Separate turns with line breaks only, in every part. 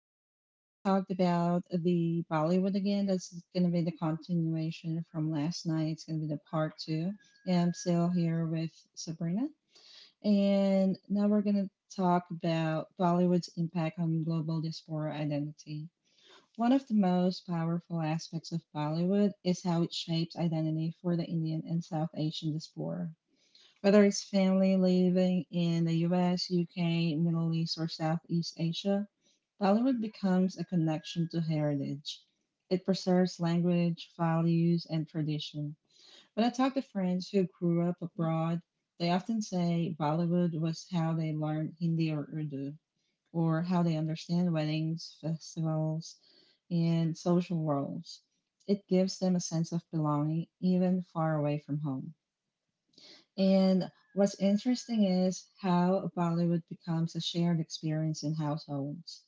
here we're going to talk about the Bollywood again. That's going to be the continuation from last night. It's going to be the part two. And I'm still here with Sabrina. And now we're going to talk about Bollywood's impact on global diaspora identity. One of the most powerful aspects of Bollywood is how it shapes identity for the Indian and South Asian diaspora, whether it's family living in the US, UK, Middle East, or Southeast Asia. Bollywood becomes a connection to heritage. It preserves language, values, and tradition. When I talk to friends who grew up abroad, they often say Bollywood was how they learned Hindi or Urdu, or how they understand weddings, festivals, and social roles. It gives them a sense of belonging even far away from home. And what's interesting is how Bollywood becomes a shared experience in households.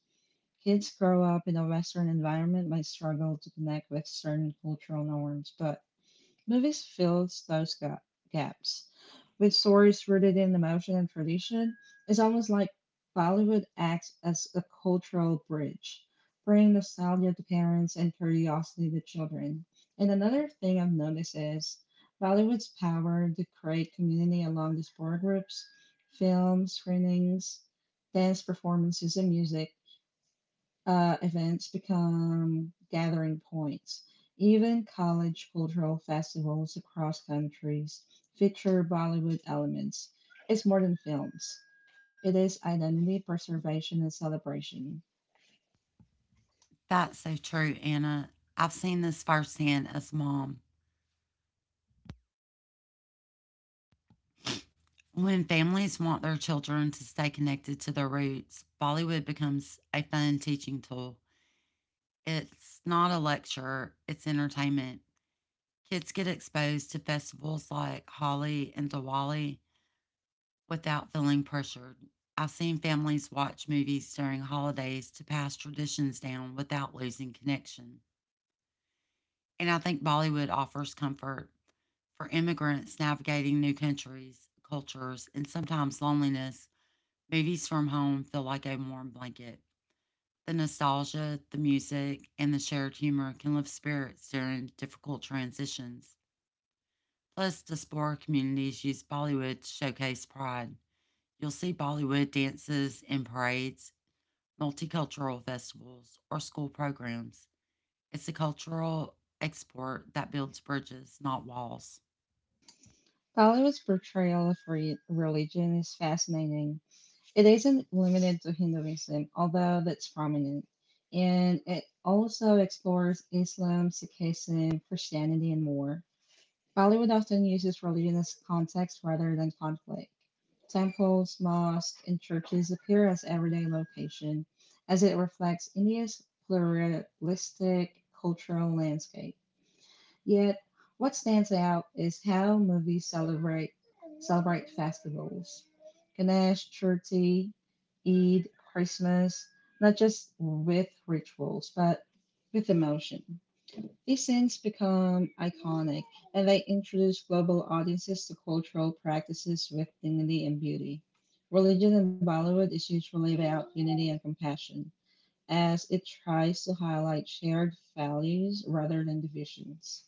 Kids grow up in a Western environment might struggle to connect with certain cultural norms, but movies fills those gaps with stories rooted in emotion and tradition. It's almost like Bollywood acts as a cultural bridge, bringing nostalgia to parents and curiosity to children. And another thing I've noticed is Bollywood's power to create community along these four groups: film screenings, dance performances, and music events become gathering points. Even college cultural festivals across countries feature Bollywood elements. It's more than films, it is identity preservation and celebration.
That's so true, Anna. I've seen this firsthand as mom. When families want their children to stay connected to their roots, Bollywood becomes a fun teaching tool. It's not a lecture, it's entertainment. Kids get exposed to festivals like Holi and Diwali without feeling pressured. I've seen families watch movies during holidays to pass traditions down without losing connection. And I think Bollywood offers comfort for immigrants navigating new countries, cultures, and sometimes loneliness. Movies from home feel like a warm blanket. The nostalgia, the music, and the shared humor can lift spirits during difficult transitions. Plus, diaspora communities use Bollywood to showcase pride. You'll see Bollywood dances in parades, multicultural festivals, or school programs. It's a cultural export that builds bridges, not walls.
Bollywood's portrayal of religion is fascinating. It isn't limited to Hinduism, although that's prominent, and it also explores Islam, Sikhism, Christianity, and more. Bollywood often uses religion as context rather than conflict. Temples, mosques, and churches appear as everyday location, as it reflects India's pluralistic cultural landscape. Yet, what stands out is how movies celebrate festivals. Ganesh, Chaturthi, Eid, Christmas, not just with rituals, but with emotion. These scenes become iconic, and they introduce global audiences to cultural practices with dignity and beauty. Religion in Bollywood is usually about unity and compassion, as it tries to highlight shared values rather than divisions.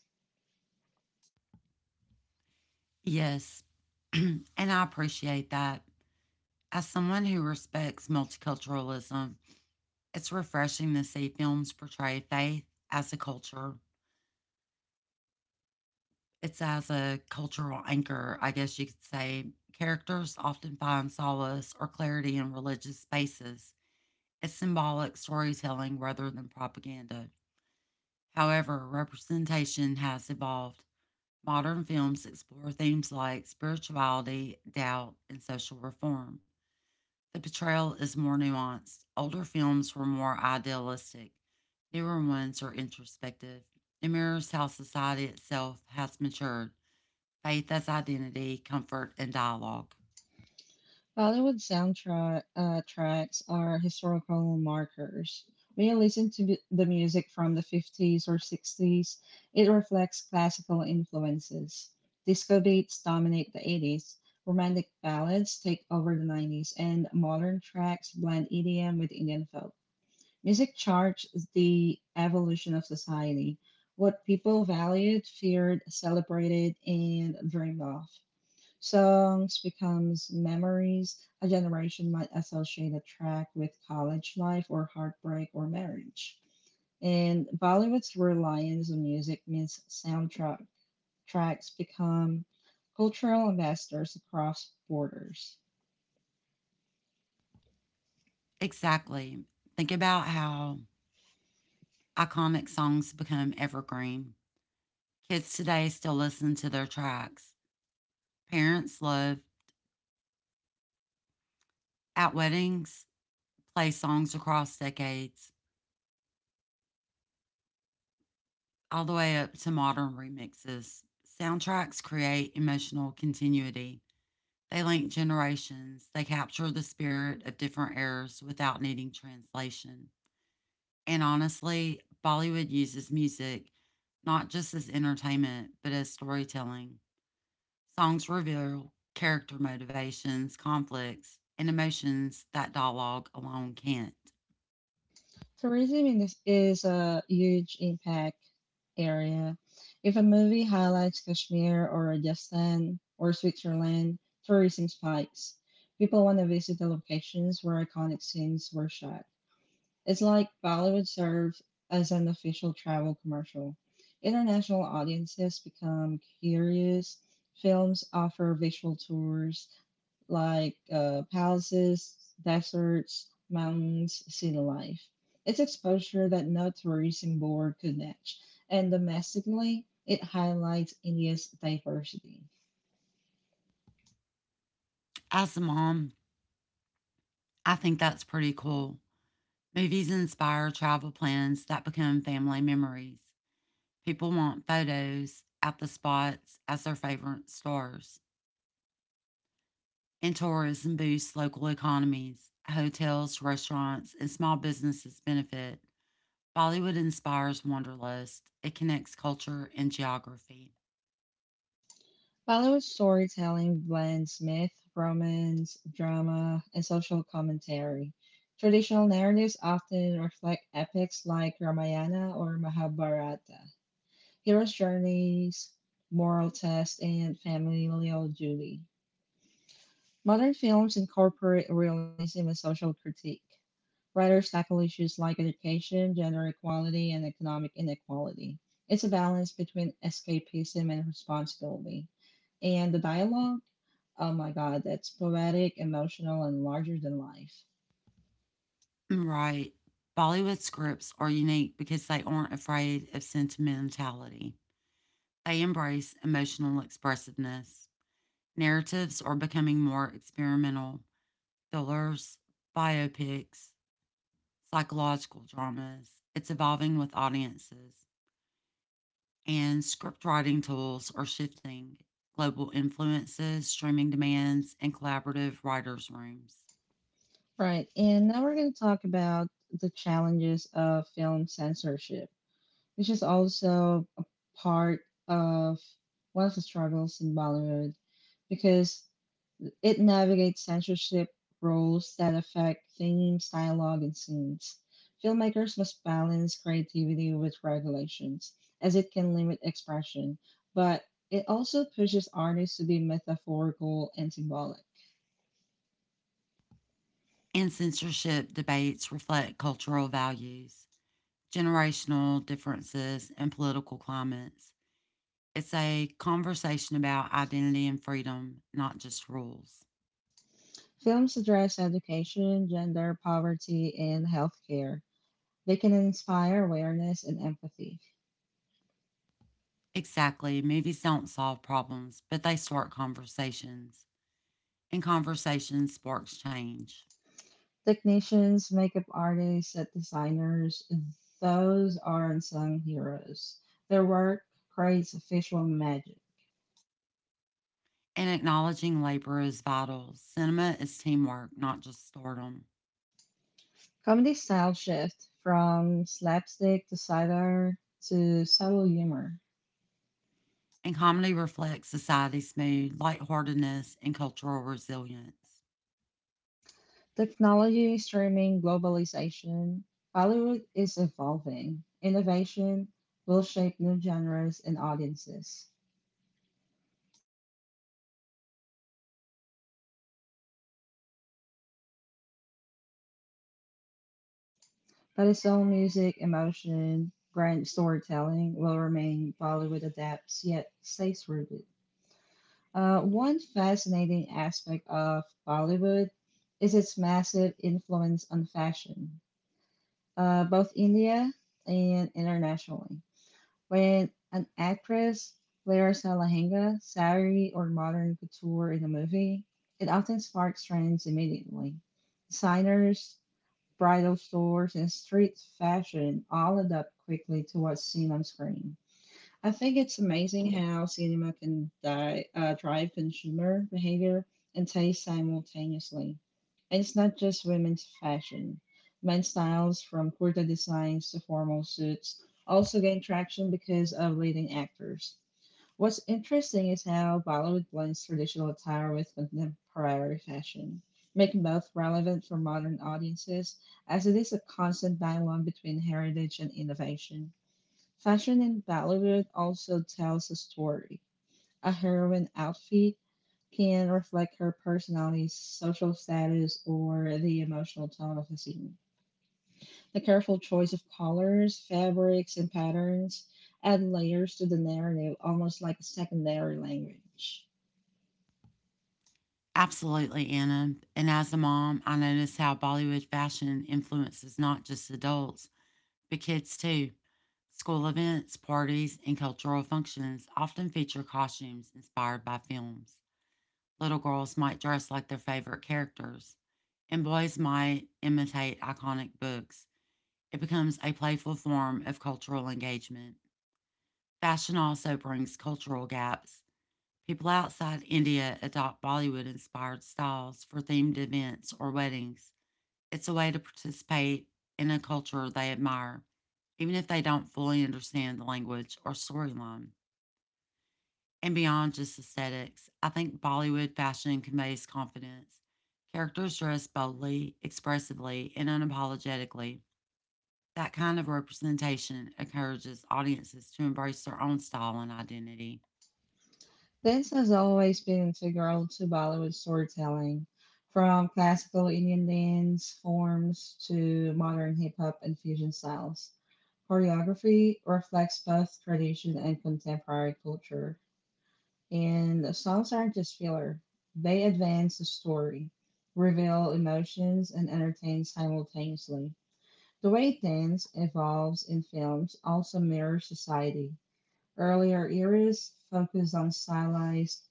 Yes. And I appreciate that. As someone who respects multiculturalism, it's refreshing to see films portray faith as a culture. It's as a cultural anchor, I guess you could say. Characters often find solace or clarity in religious spaces. It's symbolic storytelling rather than propaganda. However, representation has evolved. Modern films explore themes like spirituality, doubt, and social reform. The portrayal is more nuanced. Older films were more idealistic. Newer ones are introspective. It mirrors how society itself has matured faith as identity, comfort, and dialogue.
Bollywood soundtrack tracks are historical markers. When you listen to the music from the 50s or 60s, it reflects classical influences. Disco beats dominate the 80s, romantic ballads take over the 90s, and modern tracks blend EDM with Indian folk. Music charts the evolution of society, what people valued, feared, celebrated, and dreamed of. Songs becomes memories a generation might associate a track with college life or heartbreak or marriage. And Bollywood's reliance on music means soundtrack tracks become cultural ambassadors across borders.
Exactly. Think about how iconic songs become evergreen. Kids today still listen to their tracks. Parents love at weddings, play songs across decades, all the way up to modern remixes. Soundtracks create emotional continuity. They link generations. They capture the spirit of different eras without needing translation. And honestly, Bollywood uses music not just as entertainment, but as storytelling. Songs reveal character motivations, conflicts, and emotions that dialogue alone can't.
Tourism in this is a huge impact area. If a movie highlights Kashmir or Rajasthan or Switzerland, tourism spikes. People want to visit the locations where iconic scenes were shot. It's like Bollywood serves as an official travel commercial. International audiences become curious. Films offer visual tours like palaces, deserts, mountains, city life. It's exposure that no tourism board could match, and domestically, it highlights India's diversity.
As a mom, I think that's pretty cool. Movies inspire travel plans that become family memories. People want photos at the spots as their favorite stars. And tourism boosts local economies. Hotels, restaurants, and small businesses benefit. Bollywood inspires Wanderlust. It connects culture and geography.
Bollywood storytelling blends myth, romance, drama, and social commentary. Traditional narratives often reflect epics like Ramayana or Mahabharata, heroes' journeys, moral tests, and familial duty. Modern films incorporate realism and social critique. Writers tackle issues like education, gender equality, and economic inequality. It's a balance between escapism and responsibility. And the dialogue, oh my god, that's poetic, emotional, and larger than life.
Right. Bollywood scripts are unique because they aren't afraid of sentimentality. They embrace emotional expressiveness. Narratives are becoming more experimental. Thrillers, biopics, psychological dramas. It's evolving with audiences. And script writing tools are shifting global influences, streaming demands, and collaborative writers' rooms.
Right, and now we're going to talk about the challenges of film censorship, which is also a part of one of the struggles in Bollywood, because it navigates censorship rules that affect themes, dialogue, and scenes. Filmmakers must balance creativity with regulations, as it can limit expression, but it also pushes artists to be metaphorical and symbolic.
And censorship debates reflect cultural values, generational differences, and political climates. It's a conversation about identity and freedom, not just rules.
Films address education, gender, poverty, and healthcare. They can inspire awareness and empathy.
Exactly, movies don't solve problems, but they start conversations, and conversations sparks change.
Technicians, makeup artists, set designers, those are unsung heroes. Their work creates visual magic.
In acknowledging labor is vital. Cinema is teamwork, not just stardom.
Comedy style shift from slapstick to satire to subtle humor.
And comedy reflects society's mood, lightheartedness, and cultural resilience.
Technology, streaming, globalization. Hollywood is evolving. Innovation will shape new genres and audiences. But its own music, emotion, brand storytelling will remain. Bollywood adapts, yet stays rooted. One fascinating aspect of Bollywood is its massive influence on fashion, both India and internationally. When an actress wears a lehenga, sari, or modern couture in a movie, it often sparks trends immediately. Designers, bridal stores, and street fashion all adapt quickly to what's seen on screen. I think it's amazing how cinema can di drive consumer behavior and taste simultaneously. And it's not just women's fashion. Men's styles, from kurta designs to formal suits, also gain traction because of leading actors. What's interesting is how Bollywood blends traditional attire with contemporary fashion, making both relevant for modern audiences, as it is a constant dialogue between heritage and innovation. Fashion in Bollywood also tells a story. A heroine outfit can reflect her personality, social status, or the emotional tone of the scene. The careful choice of colors, fabrics, and patterns add layers to the narrative, almost like a secondary language.
Absolutely, Anna. And as a mom, I notice how Bollywood fashion influences not just adults, but kids too. School events, parties, and cultural functions often feature costumes inspired by films. Little girls might dress like their favorite characters, and boys might imitate iconic books. It becomes a playful form of cultural engagement. Fashion also brings cultural gaps. People outside India adopt Bollywood inspired styles for themed events or weddings. It's a way to participate in a culture they admire, even if they don't fully understand the language or storyline. And beyond just aesthetics, I think Bollywood fashion conveys confidence. Characters dress boldly, expressively, and unapologetically. That kind of representation encourages audiences to embrace their own style and identity.
Dance has always been integral to Bollywood storytelling, from classical Indian dance forms to modern hip hop and fusion styles. Choreography reflects both tradition and contemporary culture, and the songs aren't just filler, they advance the story, reveal emotions, and entertain simultaneously. The way dance evolves in films also mirrors society. Earlier eras focused on stylized,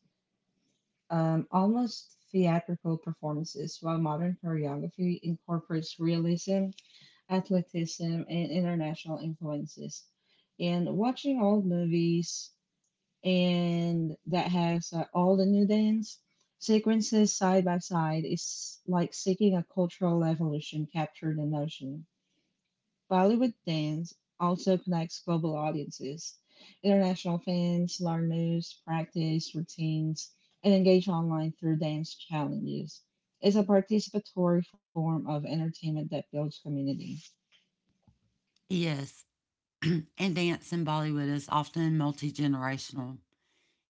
almost theatrical performances, while modern choreography incorporates realism, athleticism, and international influences. And watching old movies and that has all the new dance sequences side by side is like seeking a cultural evolution captured in motion. Bollywood dance also connects global audiences. International fans learn moves, practice routines, and engage online through dance challenges. It's a participatory form of entertainment that builds community.
Yes, and dance in Bollywood is often multi generational.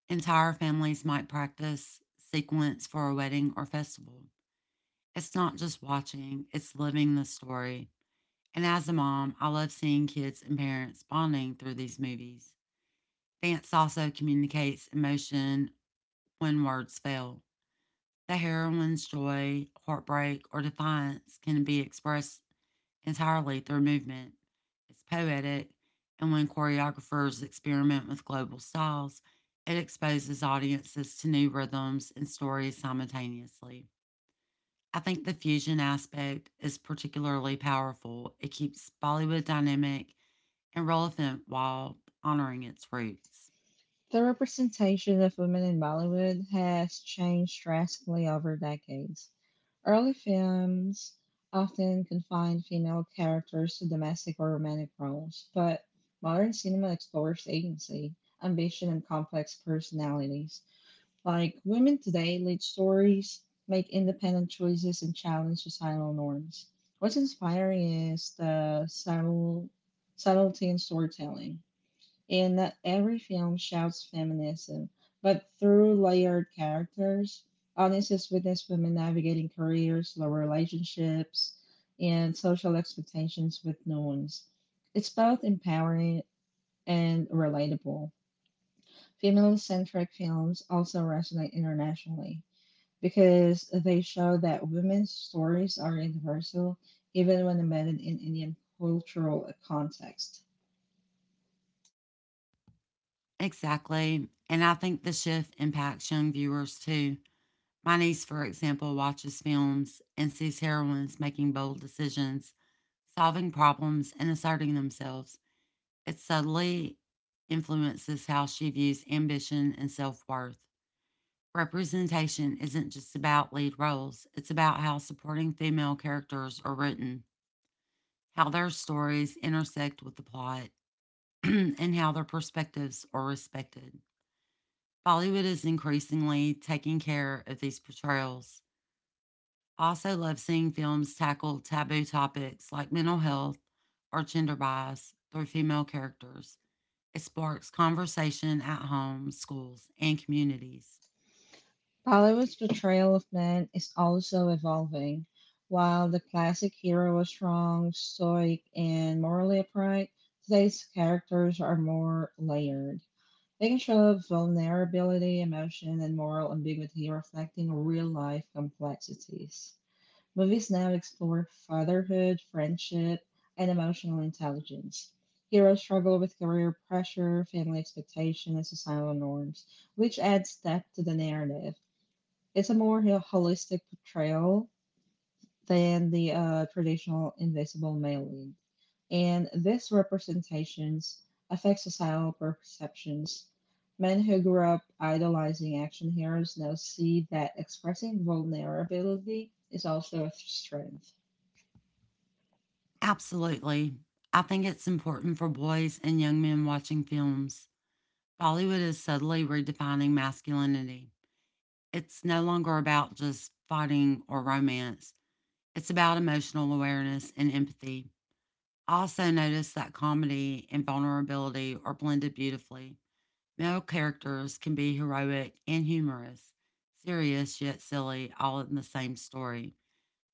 Entire families might practice sequence for a wedding or festival. It's not just watching, it's living the story. And as a mom, I love seeing kids and parents bonding through these movies. Dance also communicates emotion when words fail. The heroine's joy, heartbreak, or defiance can be expressed entirely through movement. It's poetic, and when choreographers experiment with global styles, it exposes audiences to new rhythms and stories simultaneously. I think the fusion aspect is particularly powerful. It keeps Bollywood dynamic and relevant while honoring its roots.
The representation of women in Bollywood has changed drastically over decades. Early films often confined female characters to domestic or romantic roles, but modern cinema explores agency, ambition, and complex personalities. Like women today lead stories, make independent choices, and challenge societal norms. What's inspiring is the subtlety in storytelling and not every film shouts feminism, but through layered characters, audiences witness women navigating careers, love relationships, and social expectations with nuance. It's both empowering and relatable. Female centric films also resonate internationally because they show that women's stories are universal even when embedded in Indian cultural context.
Exactly. And I think the shift impacts young viewers too. My niece, for example, watches films and sees heroines making bold decisions, solving problems, and asserting themselves. It subtly influences how she views ambition and self worth. Representation isn't just about lead roles, it's about how supporting female characters are written, how their stories intersect with the plot, and how their perspectives are respected. Bollywood is increasingly taking care of these portrayals. I also love seeing films tackle taboo topics like mental health or gender bias through female characters. It sparks conversation at home, schools, and communities.
Bollywood's portrayal of men is also evolving. While the classic hero was strong, stoic, and morally upright, today's characters are more layered. They can show vulnerability, emotion, and moral ambiguity, reflecting real life complexities. Movies now explore fatherhood, friendship, and emotional intelligence. Heroes struggle with career pressure, family expectation, and societal norms, which adds depth to the narrative. It's a more holistic portrayal than the traditional invisible male lead, and this representations affect societal perceptions. Men who grew up idolizing action heroes now see that expressing vulnerability is also a strength.
Absolutely. I think it's important for boys and young men watching films. Bollywood is subtly redefining masculinity. It's no longer about just fighting or romance, it's about emotional awareness and empathy. I also noticed that comedy and vulnerability are blended beautifully. Male characters can be heroic and humorous, serious yet silly, all in the same story.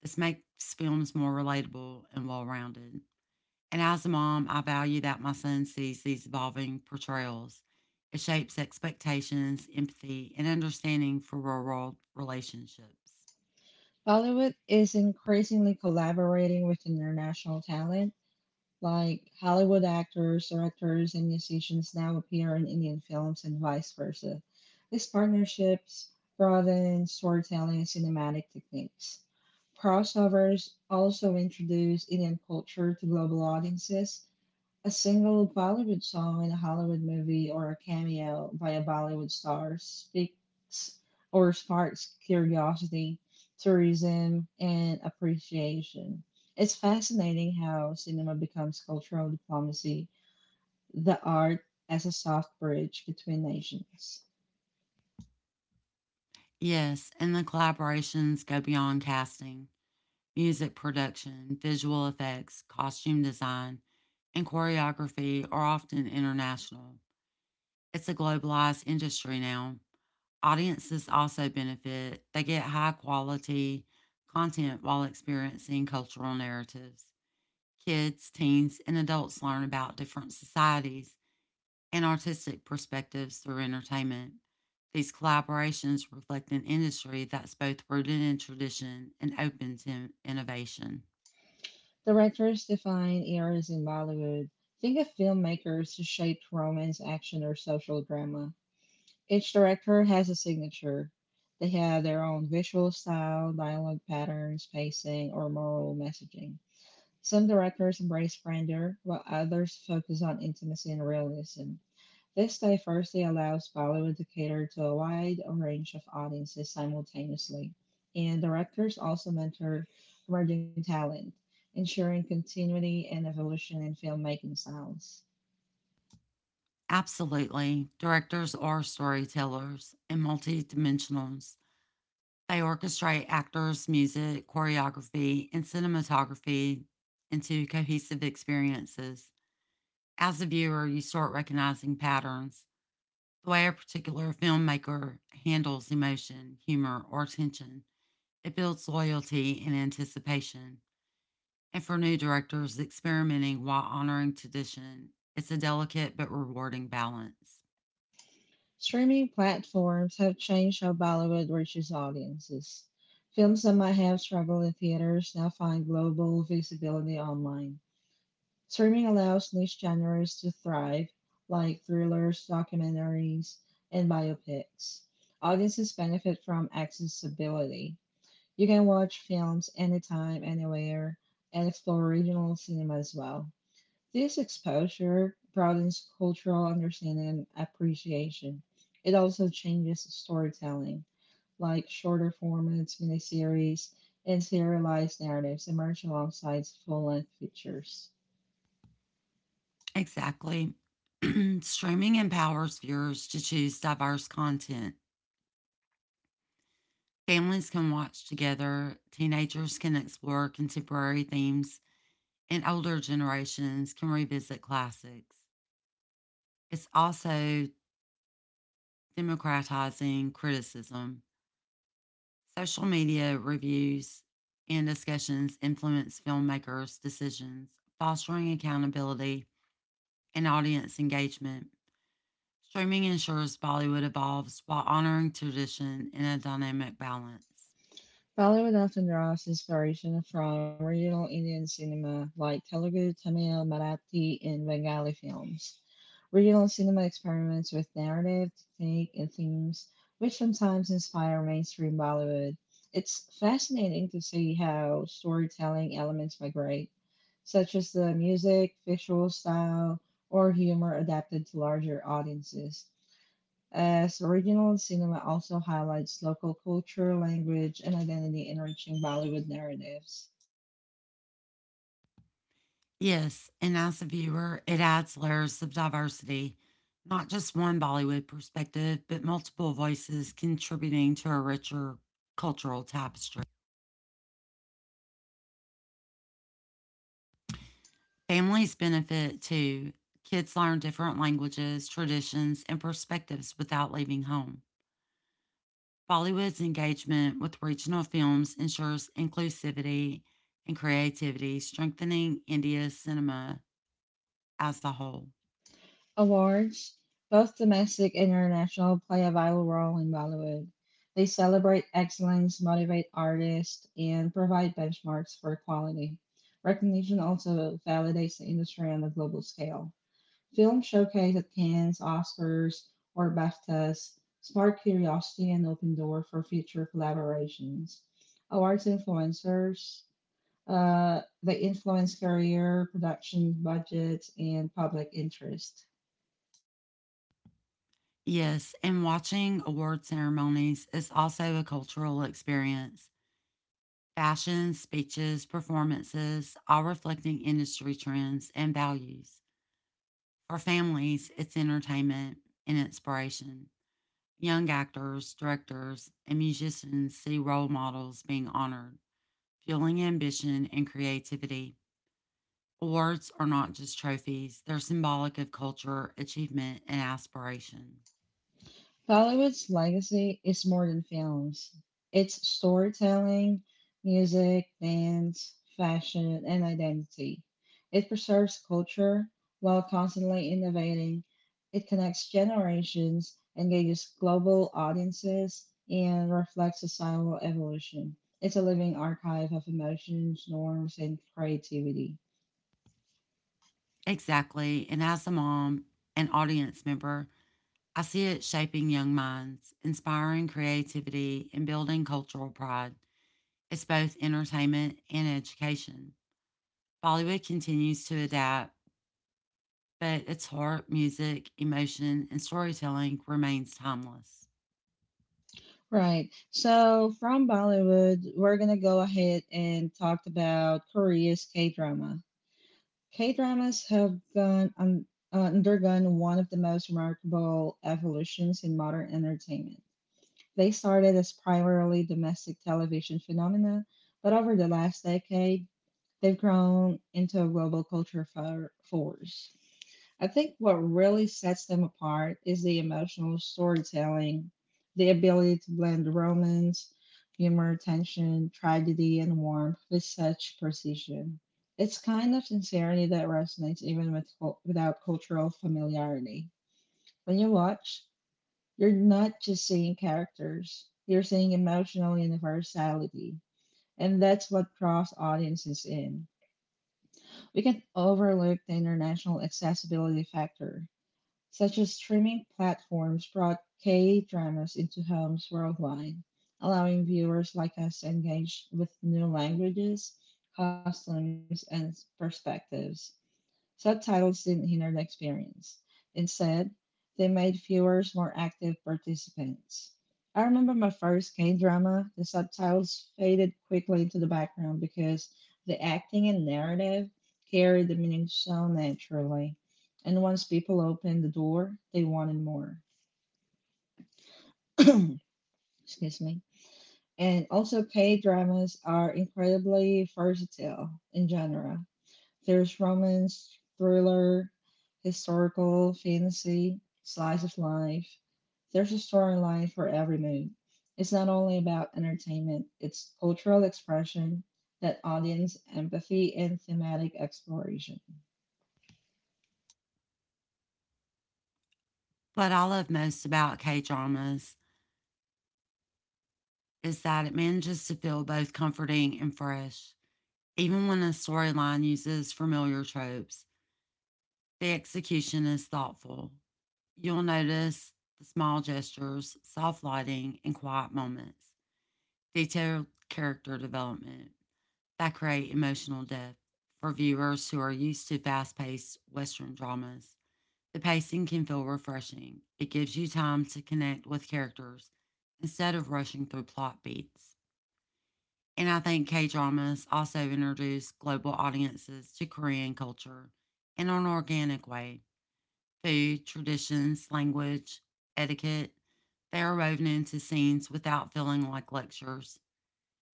This makes films more relatable and well rounded. And as a mom, I value that my son sees these evolving portrayals. It shapes expectations, empathy, and understanding for real world relationships.
Bollywood is increasingly collaborating with international talent. Like Hollywood actors, directors, and musicians now appear in Indian films and vice versa. These partnerships broaden storytelling and cinematic techniques. Crossovers also introduce Indian culture to global audiences. A single Bollywood song in a Hollywood movie or a cameo by a Bollywood star speaks or sparks curiosity, tourism, and appreciation. It's fascinating how cinema becomes cultural diplomacy, the art as a soft bridge between nations.
Yes, and the collaborations go beyond casting music production, visual effects, costume design, and choreography are often international. It's a globalized industry now. Audiences also benefit. They get high quality content while experiencing cultural narratives. Kids, teens, and adults learn about different societies and artistic perspectives through entertainment. These collaborations reflect an industry that's both rooted in tradition and open to innovation.
Directors define eras in Bollywood. Think of filmmakers who shaped romance, action, or social drama. Each director has a signature. They have their own visual style, dialogue patterns, pacing, or moral messaging. Some directors embrace grandeur, while others focus on intimacy and realism. This diversity allows Bollywood to cater to a wide range of audiences simultaneously, and directors also mentor emerging talent, ensuring continuity and evolution in filmmaking styles.
Absolutely. Directors are storytellers and multidimensionals. They orchestrate actors, music, choreography, and cinematography into cohesive experiences. As a viewer, you start recognizing patterns, the way a particular filmmaker handles emotion, humor, or tension. It builds loyalty and anticipation. And for new directors, experimenting while honoring tradition, it's a delicate but rewarding balance.
Streaming platforms have changed how Bollywood reaches audiences. Films that might have struggled in theaters now find global visibility online. Streaming allows niche genres to thrive, like thrillers, documentaries, and biopics. Audiences benefit from accessibility. You can watch films anytime, anywhere, and explore regional cinema as well. This exposure broadens cultural understanding and appreciation. It also changes storytelling, like shorter formats, miniseries, and serialized narratives emerge alongside full length features.
Exactly. Streaming empowers viewers to choose diverse content. Families can watch together, teenagers can explore contemporary themes, and older generations can revisit classics. It's also democratizing criticism. Social media reviews and discussions influence filmmakers' decisions, fostering accountability and audience engagement. Streaming ensures Bollywood evolves while honoring tradition in a dynamic balance.
Bollywood often draws inspiration from regional Indian cinema like Telugu, Tamil, Marathi, and Bengali films. Regional cinema experiments with narrative, technique, and themes, which sometimes inspire mainstream Bollywood. It's fascinating to see how storytelling elements migrate, such as the music, visual style, or humor adapted to larger audiences as regional cinema also highlights local culture, language, and identity enriching Bollywood narratives.
Yes, and as a viewer, it adds layers of diversity, not just one Bollywood perspective, but multiple voices contributing to a richer cultural tapestry. Families benefit too. Kids learn different languages, traditions, and perspectives without leaving home. Bollywood's engagement with regional films ensures inclusivity and creativity, strengthening India's cinema as a whole.
Awards, both domestic and international, play a vital role in Bollywood. They celebrate excellence, motivate artists, and provide benchmarks for quality. Recognition also validates the industry on a global scale. Film showcased at Cannes, Oscars, or BAFTAs spark curiosity and open door for future collaborations. Awards influencers, they influence career, production budgets, and public interest.
Yes, and watching award ceremonies is also a cultural experience. Fashion, speeches, performances, all reflecting industry trends and values. For families, it's entertainment and inspiration. Young actors, directors, and musicians see role models being honored, fueling ambition and creativity. Awards are not just trophies, they're symbolic of culture, achievement, and aspiration.
Bollywood's legacy is more than films. It's storytelling, music, dance, fashion, and identity. It preserves culture while constantly innovating. It connects generations, engages global audiences, and reflects societal evolution. It's a living archive of emotions, norms, and creativity.
Exactly. And as a mom and audience member, I see it shaping young minds, inspiring creativity, and building cultural pride. It's both entertainment and education. Bollywood continues to adapt, but its heart, music, emotion, and storytelling remains timeless.
Right. So from Bollywood, we're going to go ahead and talk about Korea's K drama. K dramas have gone undergone one of the most remarkable evolutions in modern entertainment. They started as primarily domestic television phenomena, but over the last decade, they've grown into a roboculture for, force. I think what really sets them apart is the emotional storytelling, the ability to blend romance, humor, tension, tragedy, and warmth with such precision. It's kind of sincerity that resonates even with without cultural familiarity. When you watch, you're not just seeing characters, you're seeing emotional universality, and that's what draws audiences in. We can overlook the international accessibility factor, such as streaming platforms brought K dramas into homes worldwide, allowing viewers like us to engage with new languages, costumes, and perspectives. Subtitles didn't hinder the experience. Instead, they made viewers more active participants. I remember my first K drama, the subtitles faded quickly into the background because the acting and narrative carried the meaning so naturally. And once people opened the door, they wanted more. Excuse me. And also, K dramas are incredibly versatile in genre. There's romance, thriller, historical, fantasy, slice of life. There's a storyline for every mood. It's not only about entertainment, it's cultural expression, that audience empathy, and thematic exploration.
What I love most about K dramas is that it manages to feel both comforting and fresh. Even when a storyline uses familiar tropes, the execution is thoughtful. You'll notice the small gestures, soft lighting, and quiet moments, detailed character development that create emotional depth. For viewers who are used to fast paced Western dramas, the pacing can feel refreshing. It gives you time to connect with characters instead of rushing through plot beats. And I think K dramas also introduce global audiences to Korean culture in an organic way food, traditions, language, etiquette. They are woven into scenes without feeling like lectures.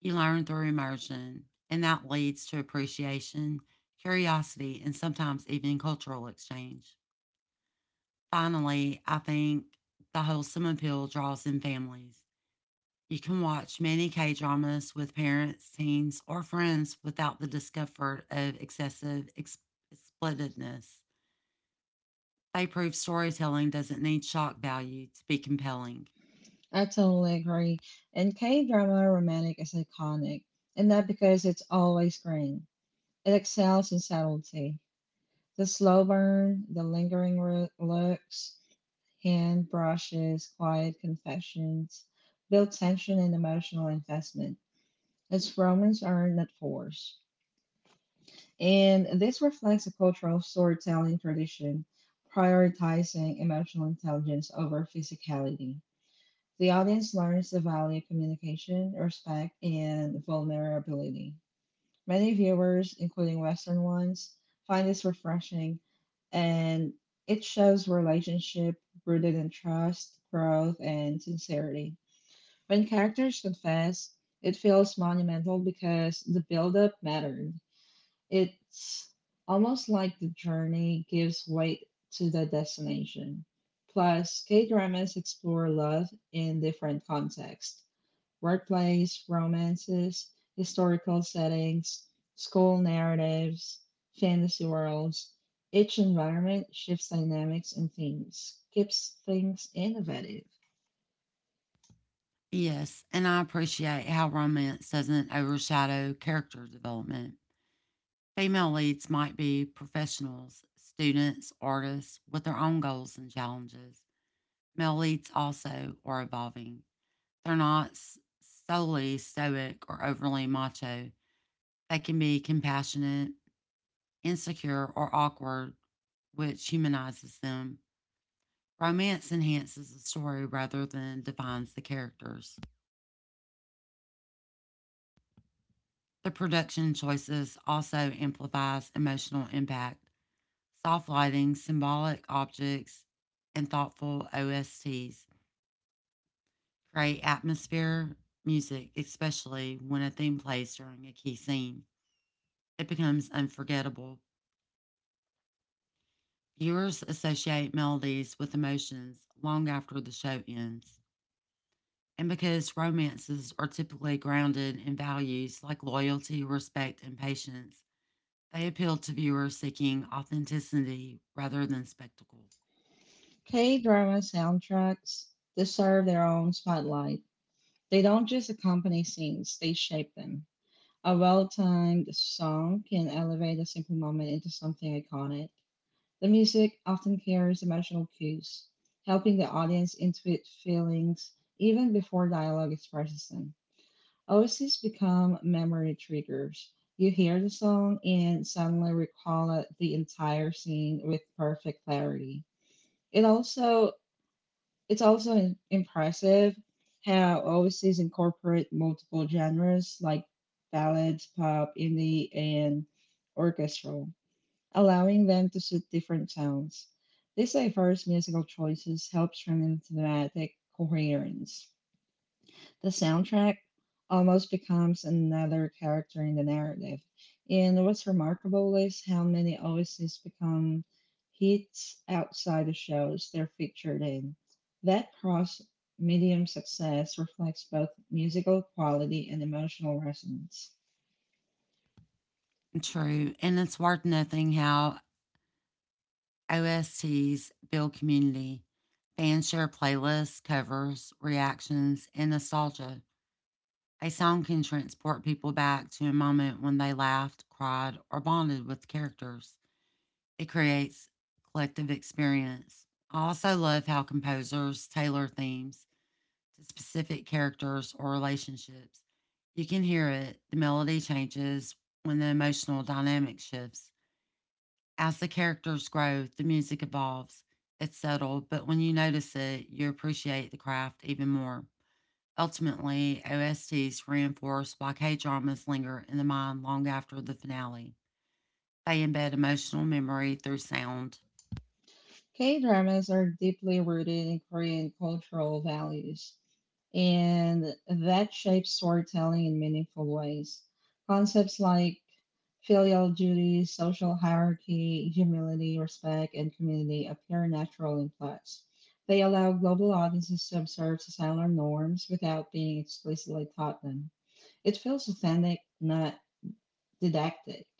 You learn through immersion, and that leads to appreciation, curiosity, and sometimes even cultural exchange. Finally, I think the wholesome appeal draws in families. You can watch many K dramas with parents, teens, or friends without the discomfort of excessive explicitness. They prove storytelling doesn't need shock value to be compelling.
I totally agree. And K drama romantic is iconic, and not because it's always green. It excels in subtlety. The slow burn, the lingering looks, hand brushes, quiet confessions, build tension and emotional investment. Its romance are not forced. And this reflects a cultural storytelling tradition prioritizing emotional intelligence over physicality. The audience learns the value of communication, respect, and vulnerability. Many viewers, including Western ones, find this refreshing, and it shows relationship rooted in trust, growth, and sincerity. When characters confess, it feels monumental because the build-up mattered. It's almost like the journey gives weight to the destination. Plus, K dramas explore love in different contexts: workplace romances, historical settings, school narratives, fantasy worlds. Each environment shifts dynamics and themes, keeps things innovative.
Yes, and I appreciate how romance doesn't overshadow character development. Female leads might be professionals, students, artists with their own goals and challenges. Male leads also are evolving. They're not solely stoic or overly macho. They can be compassionate, insecure, or awkward, which humanizes them. Romance enhances the story rather than defines the characters. The production choices also amplifies emotional impact. Soft lighting, symbolic objects, and thoughtful OSTs create atmosphere music, especially when a theme plays during a key scene. It becomes unforgettable. Viewers associate melodies with emotions long after the show ends. And because romances are typically grounded in values like loyalty, respect, and patience, they appeal to viewers seeking authenticity rather than spectacle.
K drama soundtracks deserve their own spotlight. They don't just accompany scenes, they shape them. A well timed song can elevate a simple moment into something iconic. The music often carries emotional cues, helping the audience intuit feelings even before dialogue expresses them. Oases become memory triggers. You hear the song and suddenly the entire scene with perfect clarity. It also it's also impressive how Oases incorporate multiple genres like ballads, pop, indie, and orchestral, allowing them to suit different sounds. These diverse musical choices help strengthen thematic coherence. The soundtrack almost becomes another character in the narrative. And what's remarkable is how many OSTs become hits outside the shows they're featured in. That cross medium success reflects both musical quality and emotional resonance.
True, and it's worth noting how OSTs build community. Fans share playlists, covers, reactions, and nostalgia. A song can transport people back to a moment when they laughed, cried, or bonded with characters. It creates collective experience. I also love how composers tailor themes to specific characters or relationships. You can hear it, the melody changes when the emotional dynamic shifts. As the characters grow, the music evolves. It's subtle, but when you notice it, you appreciate the craft even more. Ultimately, OSTs reinforce why K dramas linger in the mind long after the finale. They embed emotional memory through sound.
K dramas are deeply rooted in Korean cultural values, and that shapes storytelling in meaningful ways. Concepts like filial duty, social hierarchy, humility, respect, and community appear natural in plots. They allow global audiences to observe societal norms without being explicitly taught them. It feels authentic, not didactic.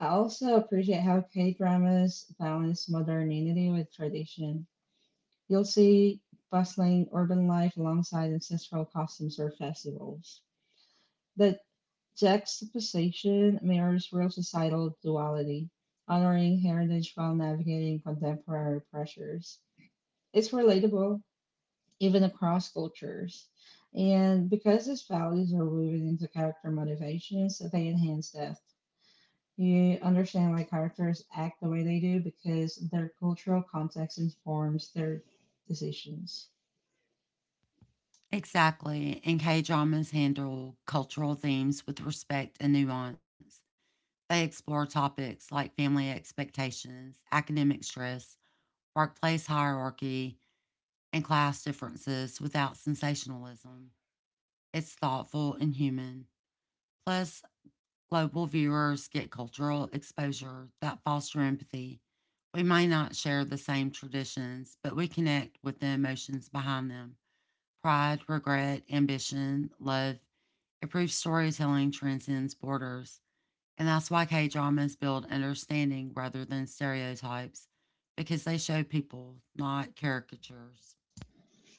I also appreciate how K dramas balance modernity with tradition. You'll see bustling urban life alongside ancestral customs or festivals. The juxtaposition mirrors real societal duality, honoring heritage while navigating contemporary pressures. It's relatable even across cultures. And because these values are woven into character motivations, they enhance depth. You understand why characters act the way they do because their cultural context informs their decisions.
Exactly. And K dramas handle cultural themes with respect and nuance. They explore topics like family expectations, academic stress, workplace hierarchy, and class differences without sensationalism. It's thoughtful and human. Plus, global viewers get cultural exposure that foster empathy. We may not share the same traditions, but we connect with the emotions behind them: pride, regret, ambition, love. It proves storytelling transcends borders. And that's why K dramas build understanding rather than stereotypes, because they show people, not caricatures.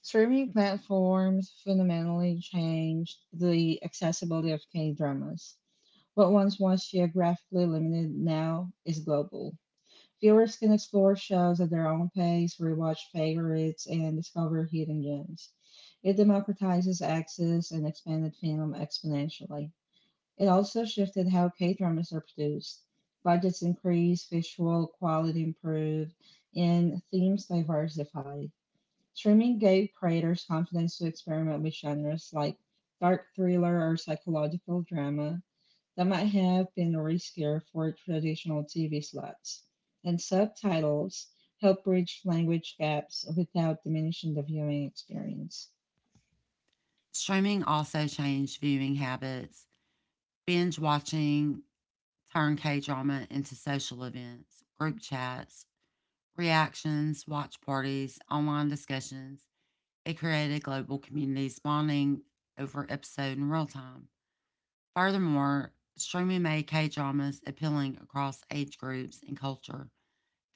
Streaming platforms fundamentally changed the accessibility of K dramas. What once was geographically limited now is global. Viewers can explore shows at their own pace, rewatch favorites, and discover hidden gems. It democratizes access and expanded film exponentially. It also shifted how K dramas are produced. Budgets increased, visual quality improved, and themes diversified. Streaming gave creators confidence to experiment with genres like dark thriller or psychological drama that might have been a riskier for traditional TV slots, and subtitles help bridge language gaps without diminishing the viewing experience.
Streaming also changed viewing habits. Binge watching turned K drama into social events, group chats, reactions, watch parties, online discussions. It created global communities bonding over episode in real time. Furthermore, streaming made K dramas appealing across age groups and culture.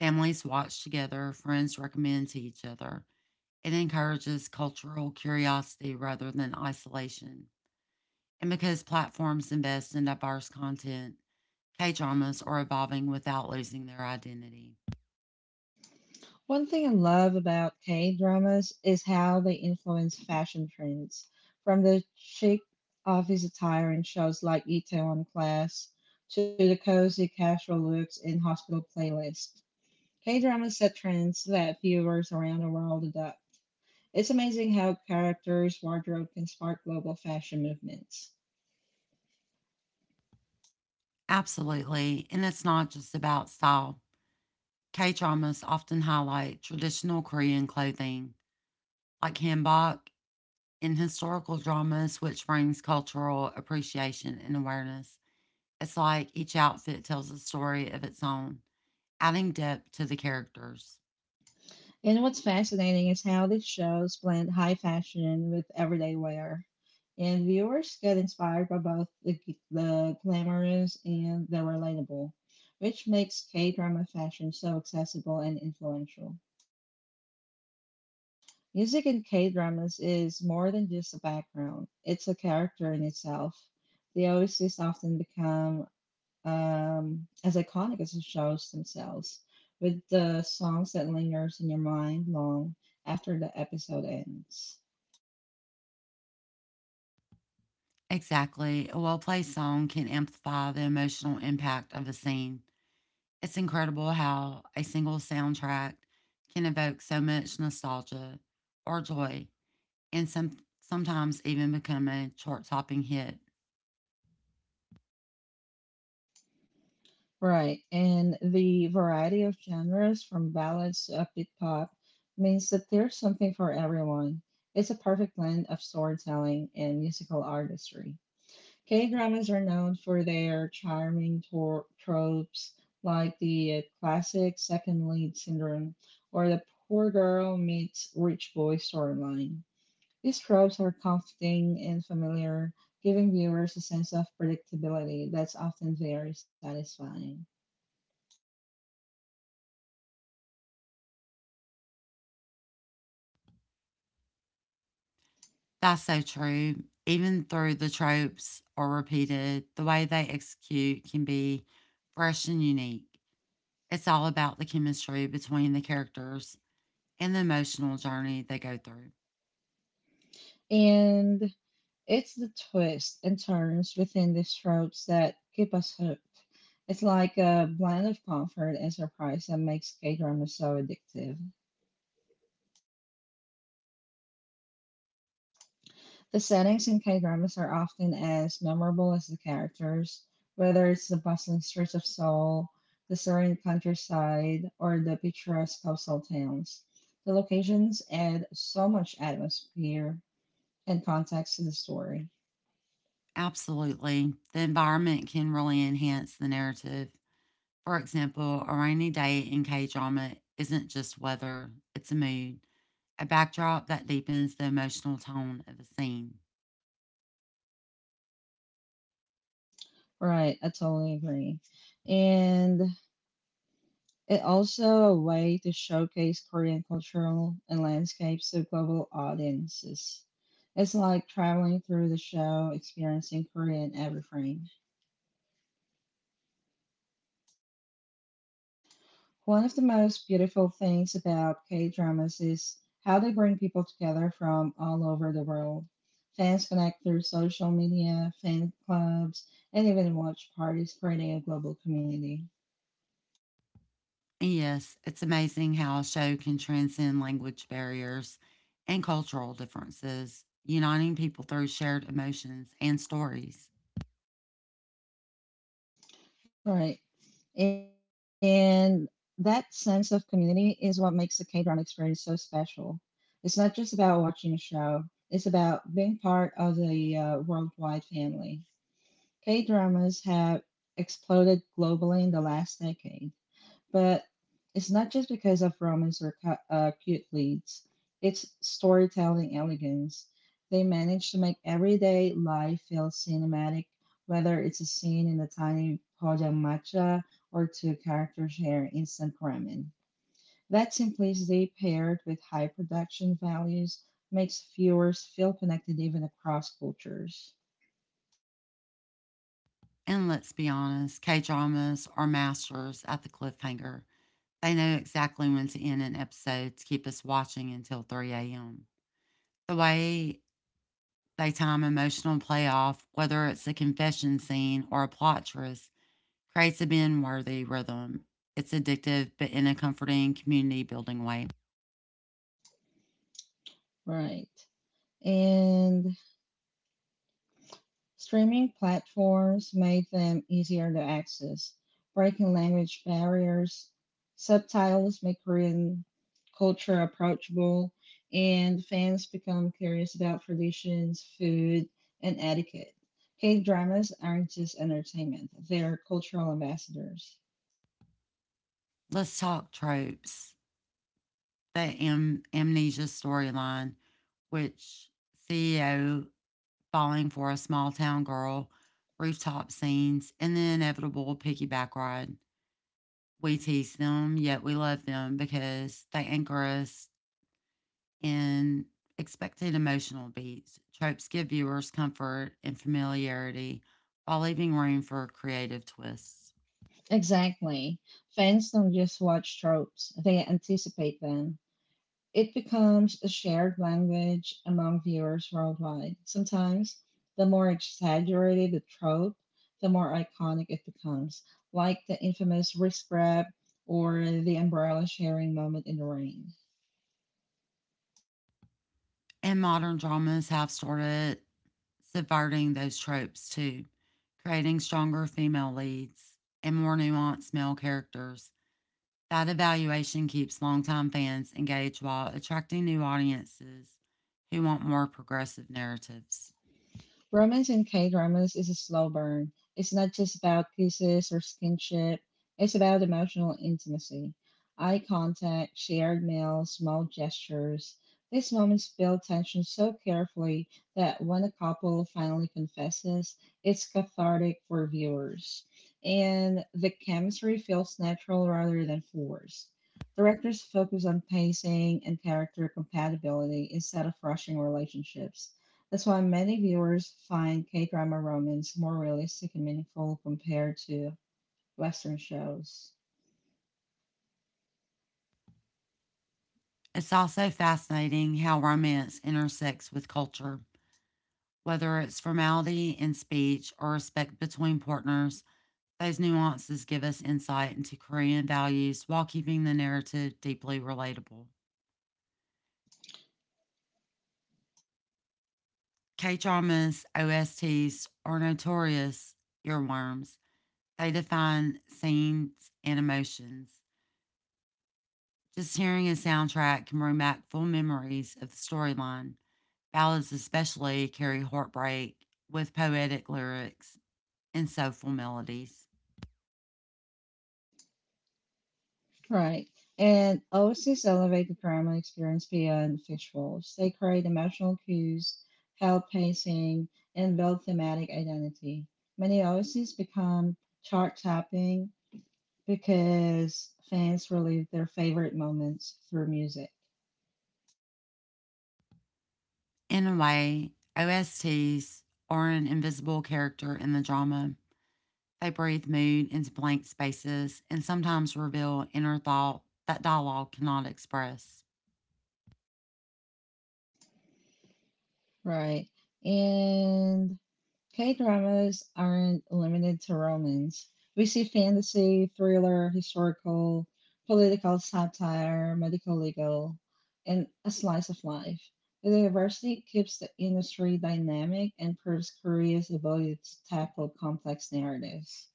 Families watch together, friends recommend to each other. It encourages cultural curiosity rather than isolation. And because platforms invest in diverse content, K dramas are evolving without losing their identity.
One thing I love about K dramas is how they influence fashion trends, from the chic office attire in shows like Itaewon Class to the cozy casual looks in Hospital Playlist. K dramas set trends that viewers around the world adopt. It's amazing how characters' wardrobe can spark global fashion movements.
Absolutely. And it's not just about style. K dramas often highlight traditional Korean clothing like hanbok, in historical dramas, which brings cultural appreciation and awareness. It's like each outfit tells a story of its own, adding depth to the characters.
And what's fascinating is how these shows blend high fashion with everyday wear. And viewers get inspired by both the glamorous and the relatable, which makes K drama fashion so accessible and influential. Music in K dramas is more than just a background, it's a character in itself. The OCs often become as iconic as the shows themselves, with the songs that lingers in your mind long after the episode ends.
Exactly. A well placed song can amplify the emotional impact of a scene. It's incredible how a single soundtrack can evoke so much nostalgia or joy, and sometimes even become a chart topping hit.
Right, and the variety of genres from ballads to upbeat pop means that there's something for everyone. It's a perfect blend of storytelling and musical artistry. K dramas are known for their charming tropes like the classic second lead syndrome or the poor girl meets rich boy storyline. These tropes are comforting and familiar, giving viewers a sense of predictability that's often very satisfying.
That's so true. Even though the tropes are repeated, the way they execute can be fresh and unique. It's all about the chemistry between the characters and the emotional journey they go through.
And it's the twists and turns within these tropes that keep us hooked. It's like a blend of comfort and surprise that makes K dramas so addictive. The settings in K dramas are often as memorable as the characters, whether it's the bustling streets of Seoul, the serene countryside, or the picturesque coastal towns. The locations add so much atmosphere and context to the story.
Absolutely. The environment can really enhance the narrative. For example, a rainy day in K drama isn't just weather, it's a mood, a backdrop that deepens the emotional tone of a scene.
Right, I totally agree. And it also a way to showcase Korean cultural and landscapes to global audiences. It's like traveling through the show, experiencing Korea in every frame. One of the most beautiful things about K dramas is how they bring people together from all over the world. Fans connect through social media, fan clubs, and even watch parties, creating a global community.
Yes, it's amazing how a show can transcend language barriers and cultural differences, uniting people through shared emotions and stories.
Right. And that sense of community is what makes the K drama experience so special. It's not just about watching a show, it's about being part of the worldwide family. K dramas have exploded globally in the last decade. But it's not just because of romance or cute leads, it's storytelling elegance. They manage to make everyday life feel cinematic, whether it's a scene in a tiny matcha or two characters share instant ramen. That simplicity paired with high production values makes viewers feel connected even across cultures.
And let's be honest, K dramas are masters at the cliffhanger. They know exactly when to end an episode to keep us watching until 3 a.m. The way they time emotional playoff, whether it's a confession scene or a plot twist, creates a binge worthy rhythm. It's addictive, but in a comforting, community building way.
Right. And streaming platforms made them easier to access, breaking language barriers. Subtitles make Korean culture approachable, and fans become curious about traditions, food, and etiquette. K dramas aren't just entertainment, they're cultural ambassadors.
Let's talk tropes. The amnesia storyline, which CEO falling for a small town girl, rooftop scenes, and the inevitable piggyback ride. We tease them, yet we love them because they anchor us in expected emotional beats. Tropes give viewers comfort and familiarity while leaving room for creative twists.
Exactly. Fans don't just watch tropes, they anticipate them. It becomes a shared language among viewers worldwide. Sometimes, the more exaggerated the trope, the more iconic it becomes, like the infamous wrist grab or the umbrella sharing moment in the rain.
And modern dramas have started subverting those tropes too, creating stronger female leads and more nuanced male characters. That evaluation keeps longtime fans engaged while attracting new audiences who want more progressive narratives.
Romance in K dramas is a slow burn. It's not just about kisses or skinship, it's about emotional intimacy, eye contact, shared meals, small gestures. These moments build tension so carefully that when a couple finally confesses, it's cathartic for viewers. And the chemistry feels natural rather than forced. Directors focus on pacing and character compatibility instead of rushing relationships. That's why many viewers find K drama romance more realistic and meaningful compared to Western shows.
It's also fascinating how romance intersects with culture. Whether it's formality in speech or respect between partners, those nuances give us insight into Korean values while keeping the narrative deeply relatable. K dramas OSTs are notorious earworms. They define scenes and emotions. Just hearing a soundtrack can bring back full memories of the storyline. Ballads, especially, carry heartbreak with poetic lyrics and soulful melodies.
Right. And OCs elevate the drama experience beyond visuals. They create emotional cues, held pacing, and build thematic identity. Many OCs become chart topping because fans relive their favorite moments through music.
In a way, OSTs are an invisible character in the drama. They breathe mood into blank spaces and sometimes reveal inner thought that dialogue cannot express.
Right. And K dramas aren't limited to romance. We see fantasy, thriller, historical, political satire, medical, legal, and a slice of life. The diversity keeps the industry dynamic and proves Korea's ability to tackle complex narratives.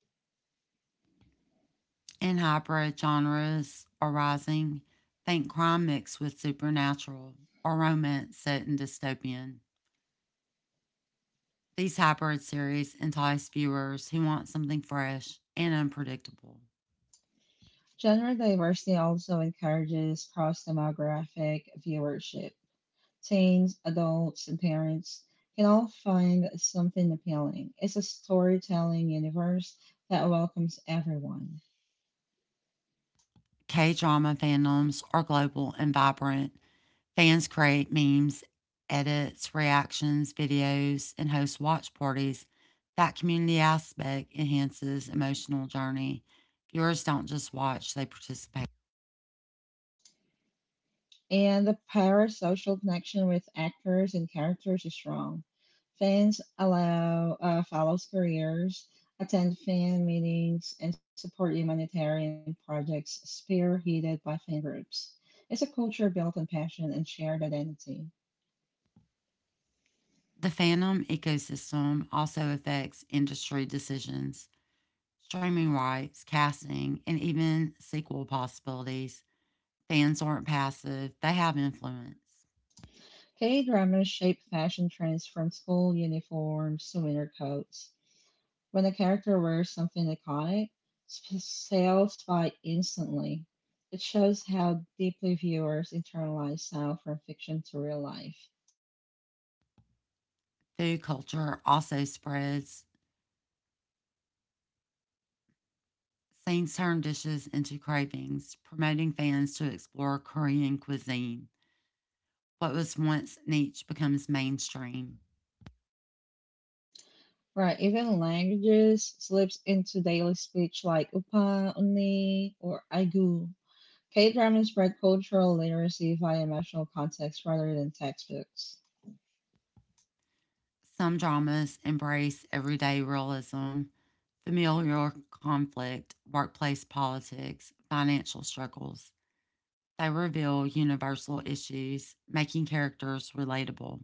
And hybrid genres arising, think crime mixed with supernatural or romance set in dystopian. These hybrid series entice viewers who want something fresh and unpredictable.
Genre diversity also encourages cross demographic viewership. Teens, adults, and parents can all find something appealing. It's a storytelling universe that welcomes everyone.
K drama fandoms are global and vibrant. Fans create memes, edits, reactions, videos, and host watch parties. That community aspect enhances emotional journey. Viewers don't just watch, they participate.
And the parasocial connection with actors and characters is strong. Fans allow follows careers, attend fan meetings, and support humanitarian projects spearheaded by fan groups. It's a culture built on passion and shared identity.
The Phantom ecosystem also affects industry decisions, streaming rights, casting, and even sequel possibilities. Fans aren't passive, they have influence.
K dramas shape fashion trends from school uniforms to winter coats. When a character wears something iconic, sales spike instantly. It shows how deeply viewers internalize style from fiction to real life.
Food culture also spreads. Scenes turn dishes into cravings, promoting fans to explore Korean cuisine. What was once niche becomes mainstream.
Right, even languages slips into daily speech like upa, uni, or aigu. K dramas spread cultural literacy via emotional context rather than textbooks.
Some dramas embrace everyday realism, familial conflict, workplace politics, financial struggles. They reveal universal issues, making characters relatable.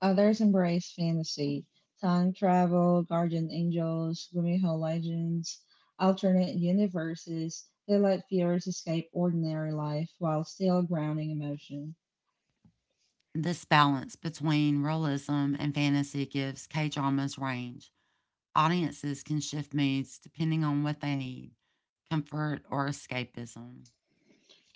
Others embrace fantasy, time travel, guardian angels, Gumiho legends, alternate universes that let viewers escape ordinary life while still grounding emotion.
This balance between realism and fantasy gives K dramas range. Audiences can shift moods depending on what they need, comfort or escapism.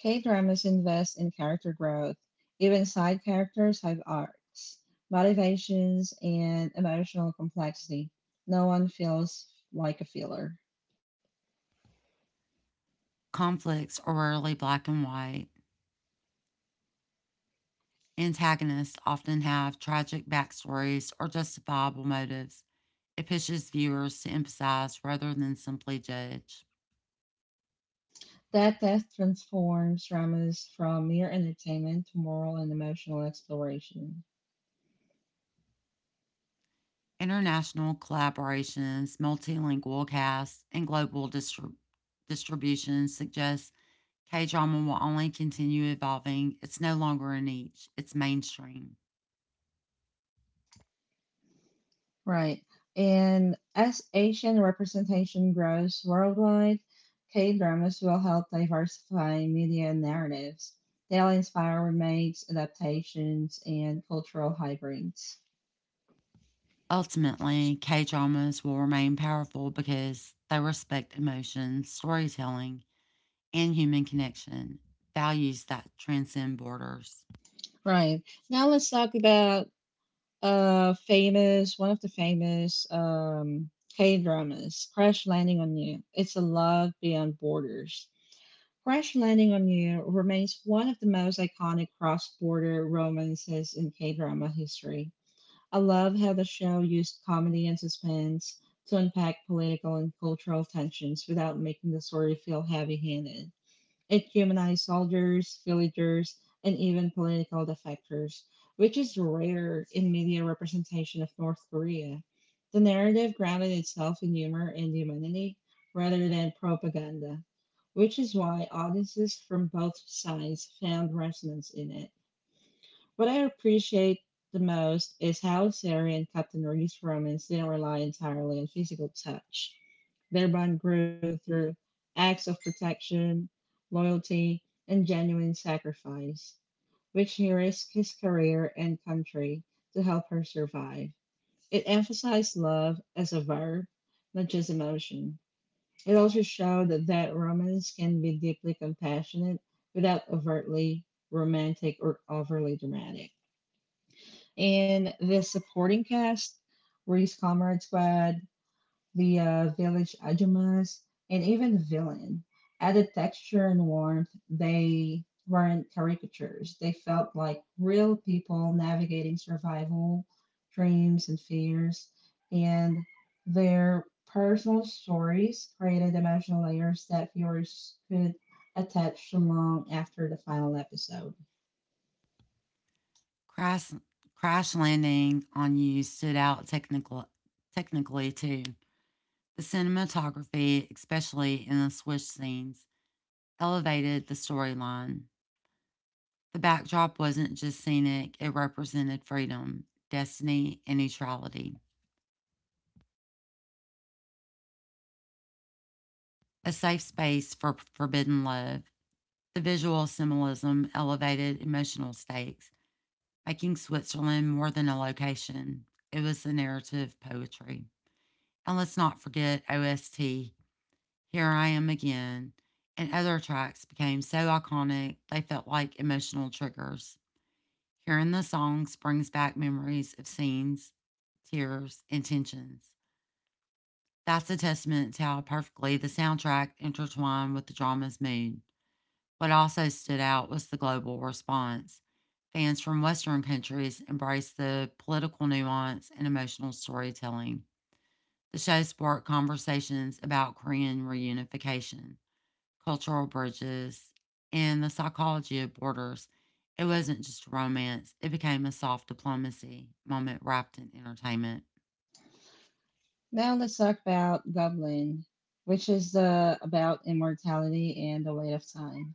K dramas invest in character growth. Even side characters have arcs, motivations, and emotional complexity. No one feels like a filler.
Conflicts are rarely black and white, antagonists often have tragic backstories or justifiable motives. It pushes viewers to empathize rather than simply judge.
That death transforms dramas from mere entertainment to moral and emotional exploration.
International collaborations, multilingual casts, and global distribution suggest K drama will only continue evolving. It's no longer a niche, it's mainstream.
Right. And as Asian representation grows worldwide, K dramas will help diversify media narratives. They'll inspire remakes, adaptations, and cultural hybrids.
Ultimately, K dramas will remain powerful because they respect emotion, storytelling, and human connection, values that transcend borders.
Right. Now let's talk about famous one of the famous K dramas, Crash Landing on You. It's a love beyond borders. Crash Landing on You remains one of the most iconic cross border romances in K drama history. I love how the show used comedy and suspense to unpack political and cultural tensions without making the story feel heavy handed. It humanized soldiers, villagers, and even political defectors, which is rare in media representation of North Korea. The narrative grounded itself in humor and humanity rather than propaganda, which is why audiences from both sides found resonance in it. What I appreciate the most is how Sari and Captain Reed's romance didn't rely entirely on physical touch. Their bond grew through acts of protection, loyalty, and genuine sacrifice, which he risked his career and country to help her survive. It emphasized love as a verb, not just emotion. It also showed that romance can be deeply compassionate without overtly romantic or overly dramatic. In the supporting cast were his comrades by the village Ajumas and even the villain. Added texture and warmth, they weren't caricatures. They felt like real people navigating survival, dreams, and fears. And their personal stories created emotional layers that viewers could attach long after the final episode.
Crash, crash landing on you stood out technically too. The cinematography, especially in the switch scenes, elevated the storyline. The backdrop wasn't just scenic, it represented freedom, destiny, and neutrality. A safe space for forbidden love. The visual symbolism elevated emotional stakes, making Switzerland more than a location. It was the narrative poetry. And let's not forget OST, Here I Am Again, and other tracks became so iconic they felt like emotional triggers. Hearing the songs brings back memories of scenes, tears, and tensions. That's a testament to how perfectly the soundtrack intertwined with the drama's mood. What also stood out was the global response. Fans from Western countries embraced the political nuance and emotional storytelling. The show sparked conversations about Korean reunification, cultural bridges, and the psychology of borders. It wasn't just romance, it became a soft diplomacy moment wrapped in entertainment.
Now let's talk about Goblin, which is about immortality and the weight of time.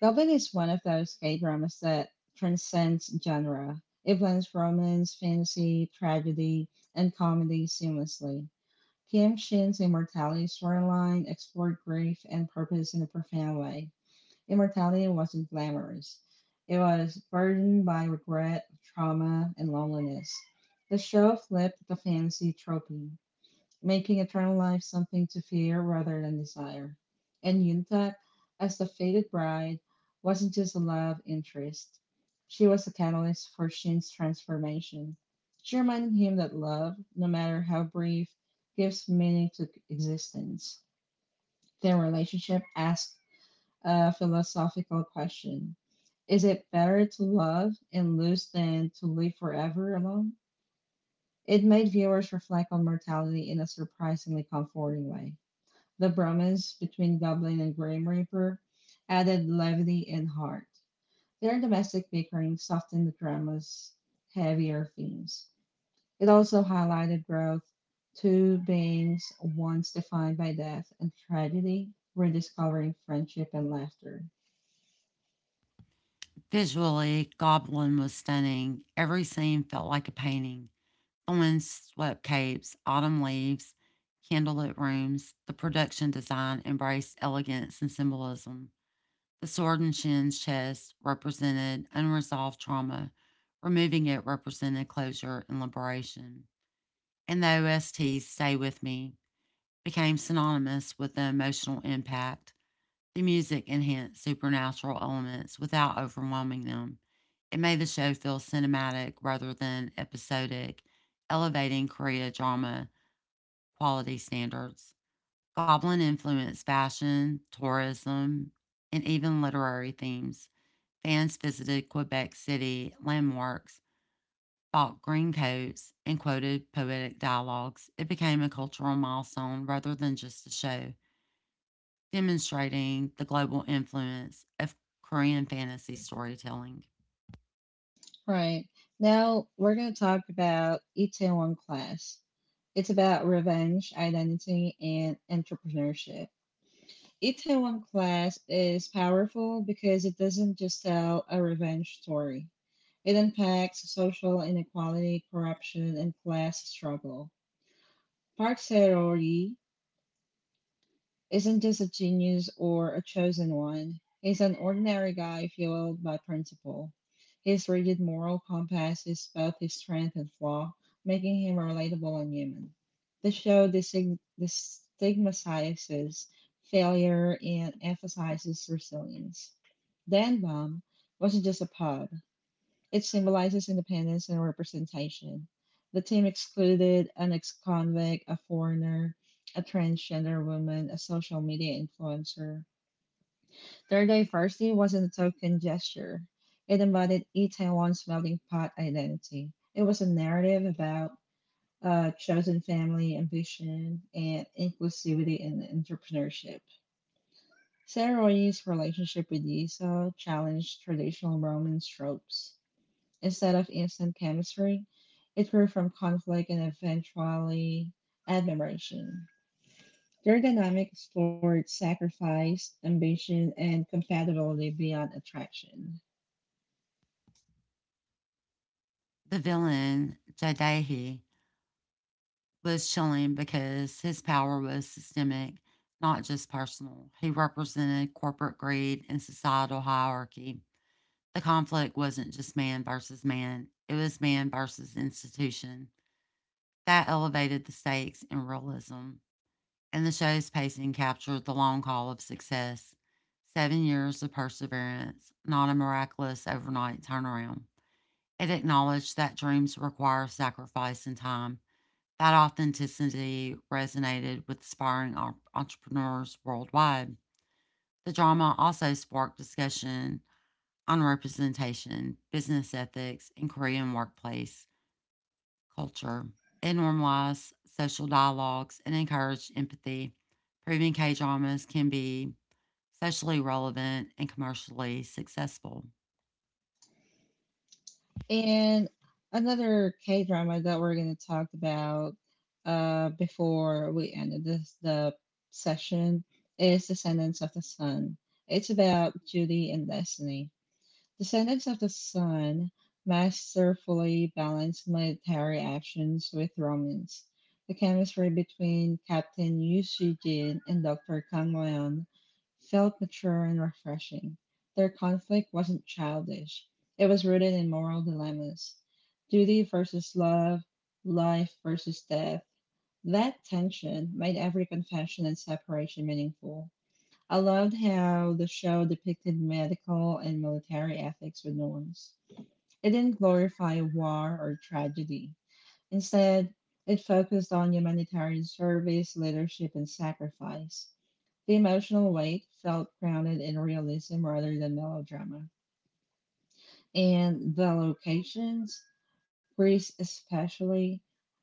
Goblin is one of those K dramas that transcends genre. It blends romance, fantasy, tragedy, and comedy seamlessly. Kim Shin's immortality storyline explored grief and purpose in a profound way. Immortality wasn't glamorous. It was burdened by regret, trauma, and loneliness. The show flipped the fantasy trope making eternal life something to fear rather than desire. And Yuntat, as the fated bride, wasn't just a love interest, she was a catalyst for Shin's transformation. She reminded him that love, no matter how brief, gives meaning to existence. Their relationship asked a philosophical question: is it better to love and lose than to live forever alone? It made viewers reflect on mortality in a surprisingly comforting way. The bromance between Goblin and Grim Reaper added levity and heart. Their domestic bickering softened the drama's heavier themes. It also highlighted growth. Two beings once defined by death and tragedy rediscovering friendship and laughter.
Visually, Goblin was stunning. Every scene felt like a painting on swept capes, autumn leaves, candlelit rooms. The production design embraced elegance and symbolism. The sword and shin's chest represented unresolved trauma. Removing it represented closure and liberation. And the OST's Stay With Me became synonymous with the emotional impact. The music enhanced supernatural elements without overwhelming them. It made the show feel cinematic rather than episodic, elevating Korea drama quality standards. Goblin influenced fashion, tourism, and even literary themes. Fans visited Quebec City landmarks, bought green coats, and quoted poetic dialogues. It became a cultural milestone rather than just a show, demonstrating the global influence of Korean fantasy storytelling.
Right. Now we're going to talk about Itaewon Class. It's about revenge, identity, and entrepreneurship. Itaewon Class is powerful because it doesn't just tell a revenge story. It unpacks social inequality, corruption, and class struggle. Park Serori isn't just a genius or a chosen one. He's an ordinary guy fueled by principle. His rigid moral compass is both his strength and flaw, making him relatable and human. The show destigmatizes failure and emphasizes resilience. Dan Baum wasn't just a pub, it symbolizes independence and representation. The team excluded an ex convict, a foreigner, a transgender woman, a social media influencer. Their diversity wasn't a token gesture, it embodied Itaewon's melting pot identity. It was a narrative about chosen family, ambition, and inclusivity in entrepreneurship. Sarah Roy's relationship with Esau challenged traditional Roman tropes. Instead of instant chemistry, it grew from conflict and eventually admiration. Their dynamic explored sacrifice, ambition, and compatibility beyond attraction.
The villain, Jadae, was chilling because his power was systemic, not just personal. He represented corporate greed and societal hierarchy. The conflict wasn't just man versus man, it was man versus institution. That elevated the stakes in realism. And the show's pacing captured the long haul of success. 7 years of perseverance, not a miraculous overnight turnaround. It acknowledged that dreams require sacrifice and time. That authenticity resonated with aspiring entrepreneurs worldwide. The drama also sparked discussion on representation, business ethics, and Korean workplace culture. It normalized social dialogues and encouraged empathy, proving K dramas can be socially relevant and commercially successful.
And another K drama that we're going to talk about before we ended this the session is Descendants of the Sun. It's about Judy and Destiny. Descendants of the Sun masterfully balanced military actions with romance. The chemistry between Captain Yu Shijin and Dr. Kang Leon felt mature and refreshing. Their conflict wasn't childish, it was rooted in moral dilemmas: duty versus love, life versus death. That tension made every confession and separation meaningful. I loved how the show depicted medical and military ethics with norms. It didn't glorify war or tragedy. Instead, it focused on humanitarian service, leadership, and sacrifice. The emotional weight felt grounded in realism rather than melodrama. And the locations, Greece especially,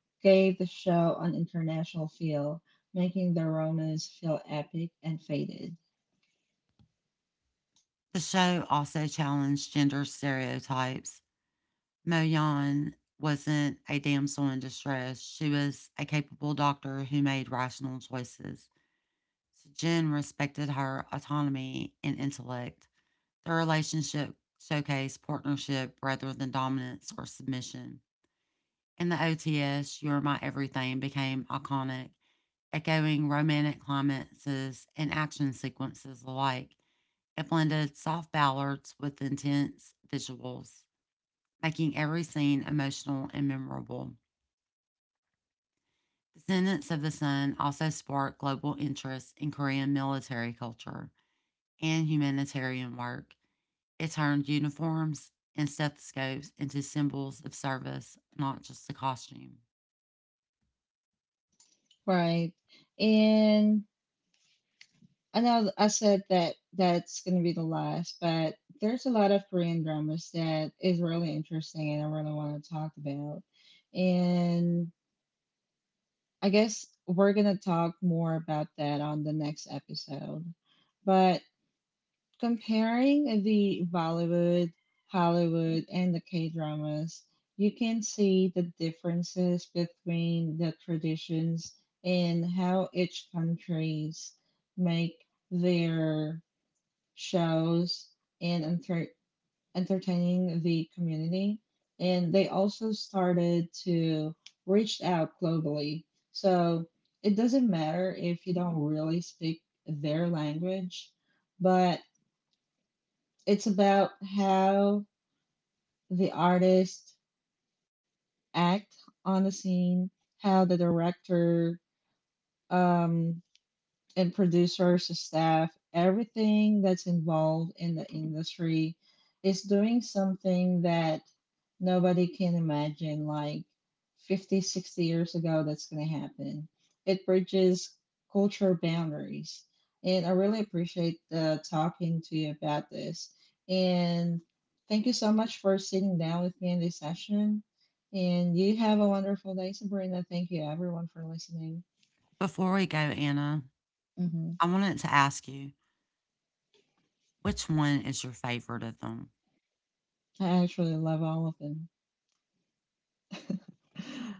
gave the show an international feel, making the Romans feel epic and faded.
The show also challenged gender stereotypes. Mo Yan wasn't a damsel in distress, she was a capable doctor who made rational choices. So respected her autonomy and intellect. Their relationship showcased partnership rather than dominance or submission. In the OTS, You're My Everything became iconic, echoing romantic climaxes and action sequences alike. It blended soft ballads with intense visuals, making every scene emotional and memorable. Descendants of the Sun also sparked global interest in Korean military culture and humanitarian work. It turned uniforms and stethoscopes into symbols of service, not just a costume.
Right. And I know I said that 's going to be the last, but there's a lot of Korean dramas that is really interesting and I really want to talk about. And I guess we're going to talk more about that on the next episode. But comparing the Bollywood, Hollywood, and the K dramas, you can see the differences between the traditions and how each countries make their shows, and entertaining the community. And they also started to reach out globally. So it doesn't matter if you don't really speak their language, but it's about how the artists act on the scene, how the director um, and producers, staff, everything that's involved in the industry is doing something that nobody can imagine like 50, 60 years ago that's going to happen. It bridges cultural boundaries. And I really appreciate the talking to you about this. And thank you so much for sitting down with me in this session. And you have a wonderful day, Sabrina. Thank you, everyone, for listening.
Before we go, Anna,
Mhm.
I wanted to ask you, which one is your favorite of them?
I actually love all of them.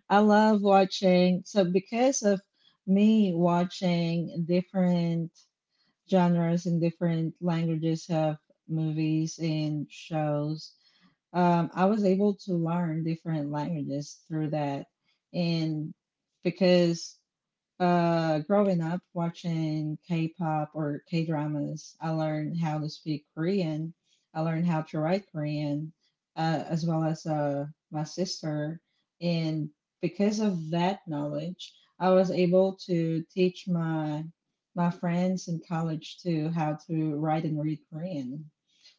I love watching, so because of me watching different genres and different languages of movies and shows, I was able to learn different languages through that. And because growing up watching K-pop or K-dramas, I learned how to speak Korean. I learned how to write Korean, as well as my sister. And because of that knowledge, I was able to teach my friends in college too how to write and read Korean.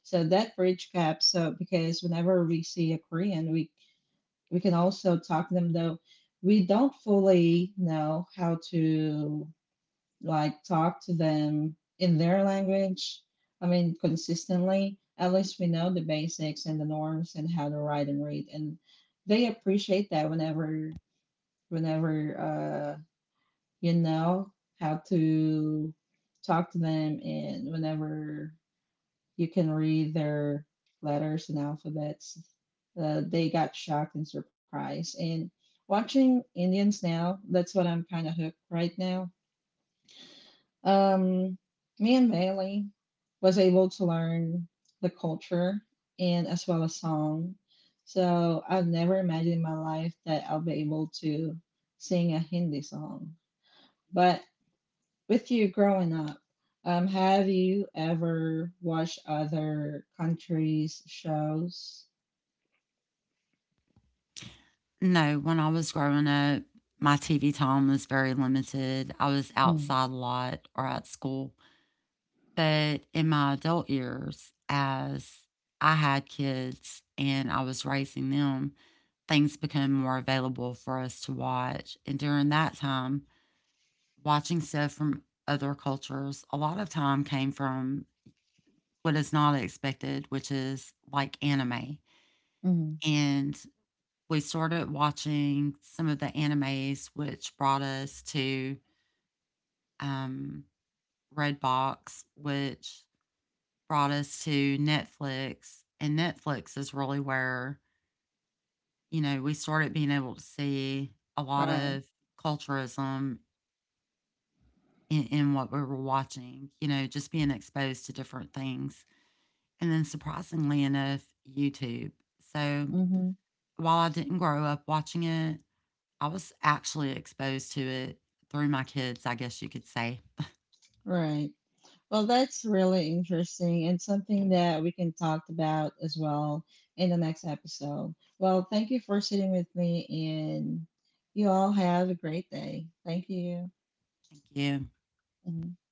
So that bridge gap. So because whenever we see a Korean, we can also talk to them though we don't fully know how to like talk to them in their language, I mean consistently, at least we know the basics and the norms and how to write and read and they appreciate that whenever whenever uh you know how to talk to them and whenever you can read their letters and alphabets. They got shocked and surprised. And watching Indians now, that's what I'm kind of hooked right now. Um, Me and Bailey was able to learn the culture and as well as song. So I've never imagined in my life that I'll be able to sing a Hindi song. But with you growing up, have you ever watched other countries' shows?
No, when I was growing up, my TV time was very limited. I was
Mm.
outside a lot or at school. But in my adult years, as I had kids and I was raising them, things became more available for us to watch. And during that time, watching stuff from other cultures, a lot of time came from what is not expected, which is like anime.
Mm.
And we started watching some of the animes, which brought us to um, Redbox, which brought us to Netflix. And Netflix is really where, you know, we started being able to see a lot
Right.
of culturism in what we were watching, you know, just being exposed to different things. And then surprisingly enough, YouTube. So
Hmm.
while I didn't grow up watching it, I was actually exposed to it through my kids, I guess you could say.
Right. Well, that's really interesting and something that we can talk about as well in the next episode. Well, thank you for sitting with me, and you all have a great day. Thank you.
Thank you.
Mm.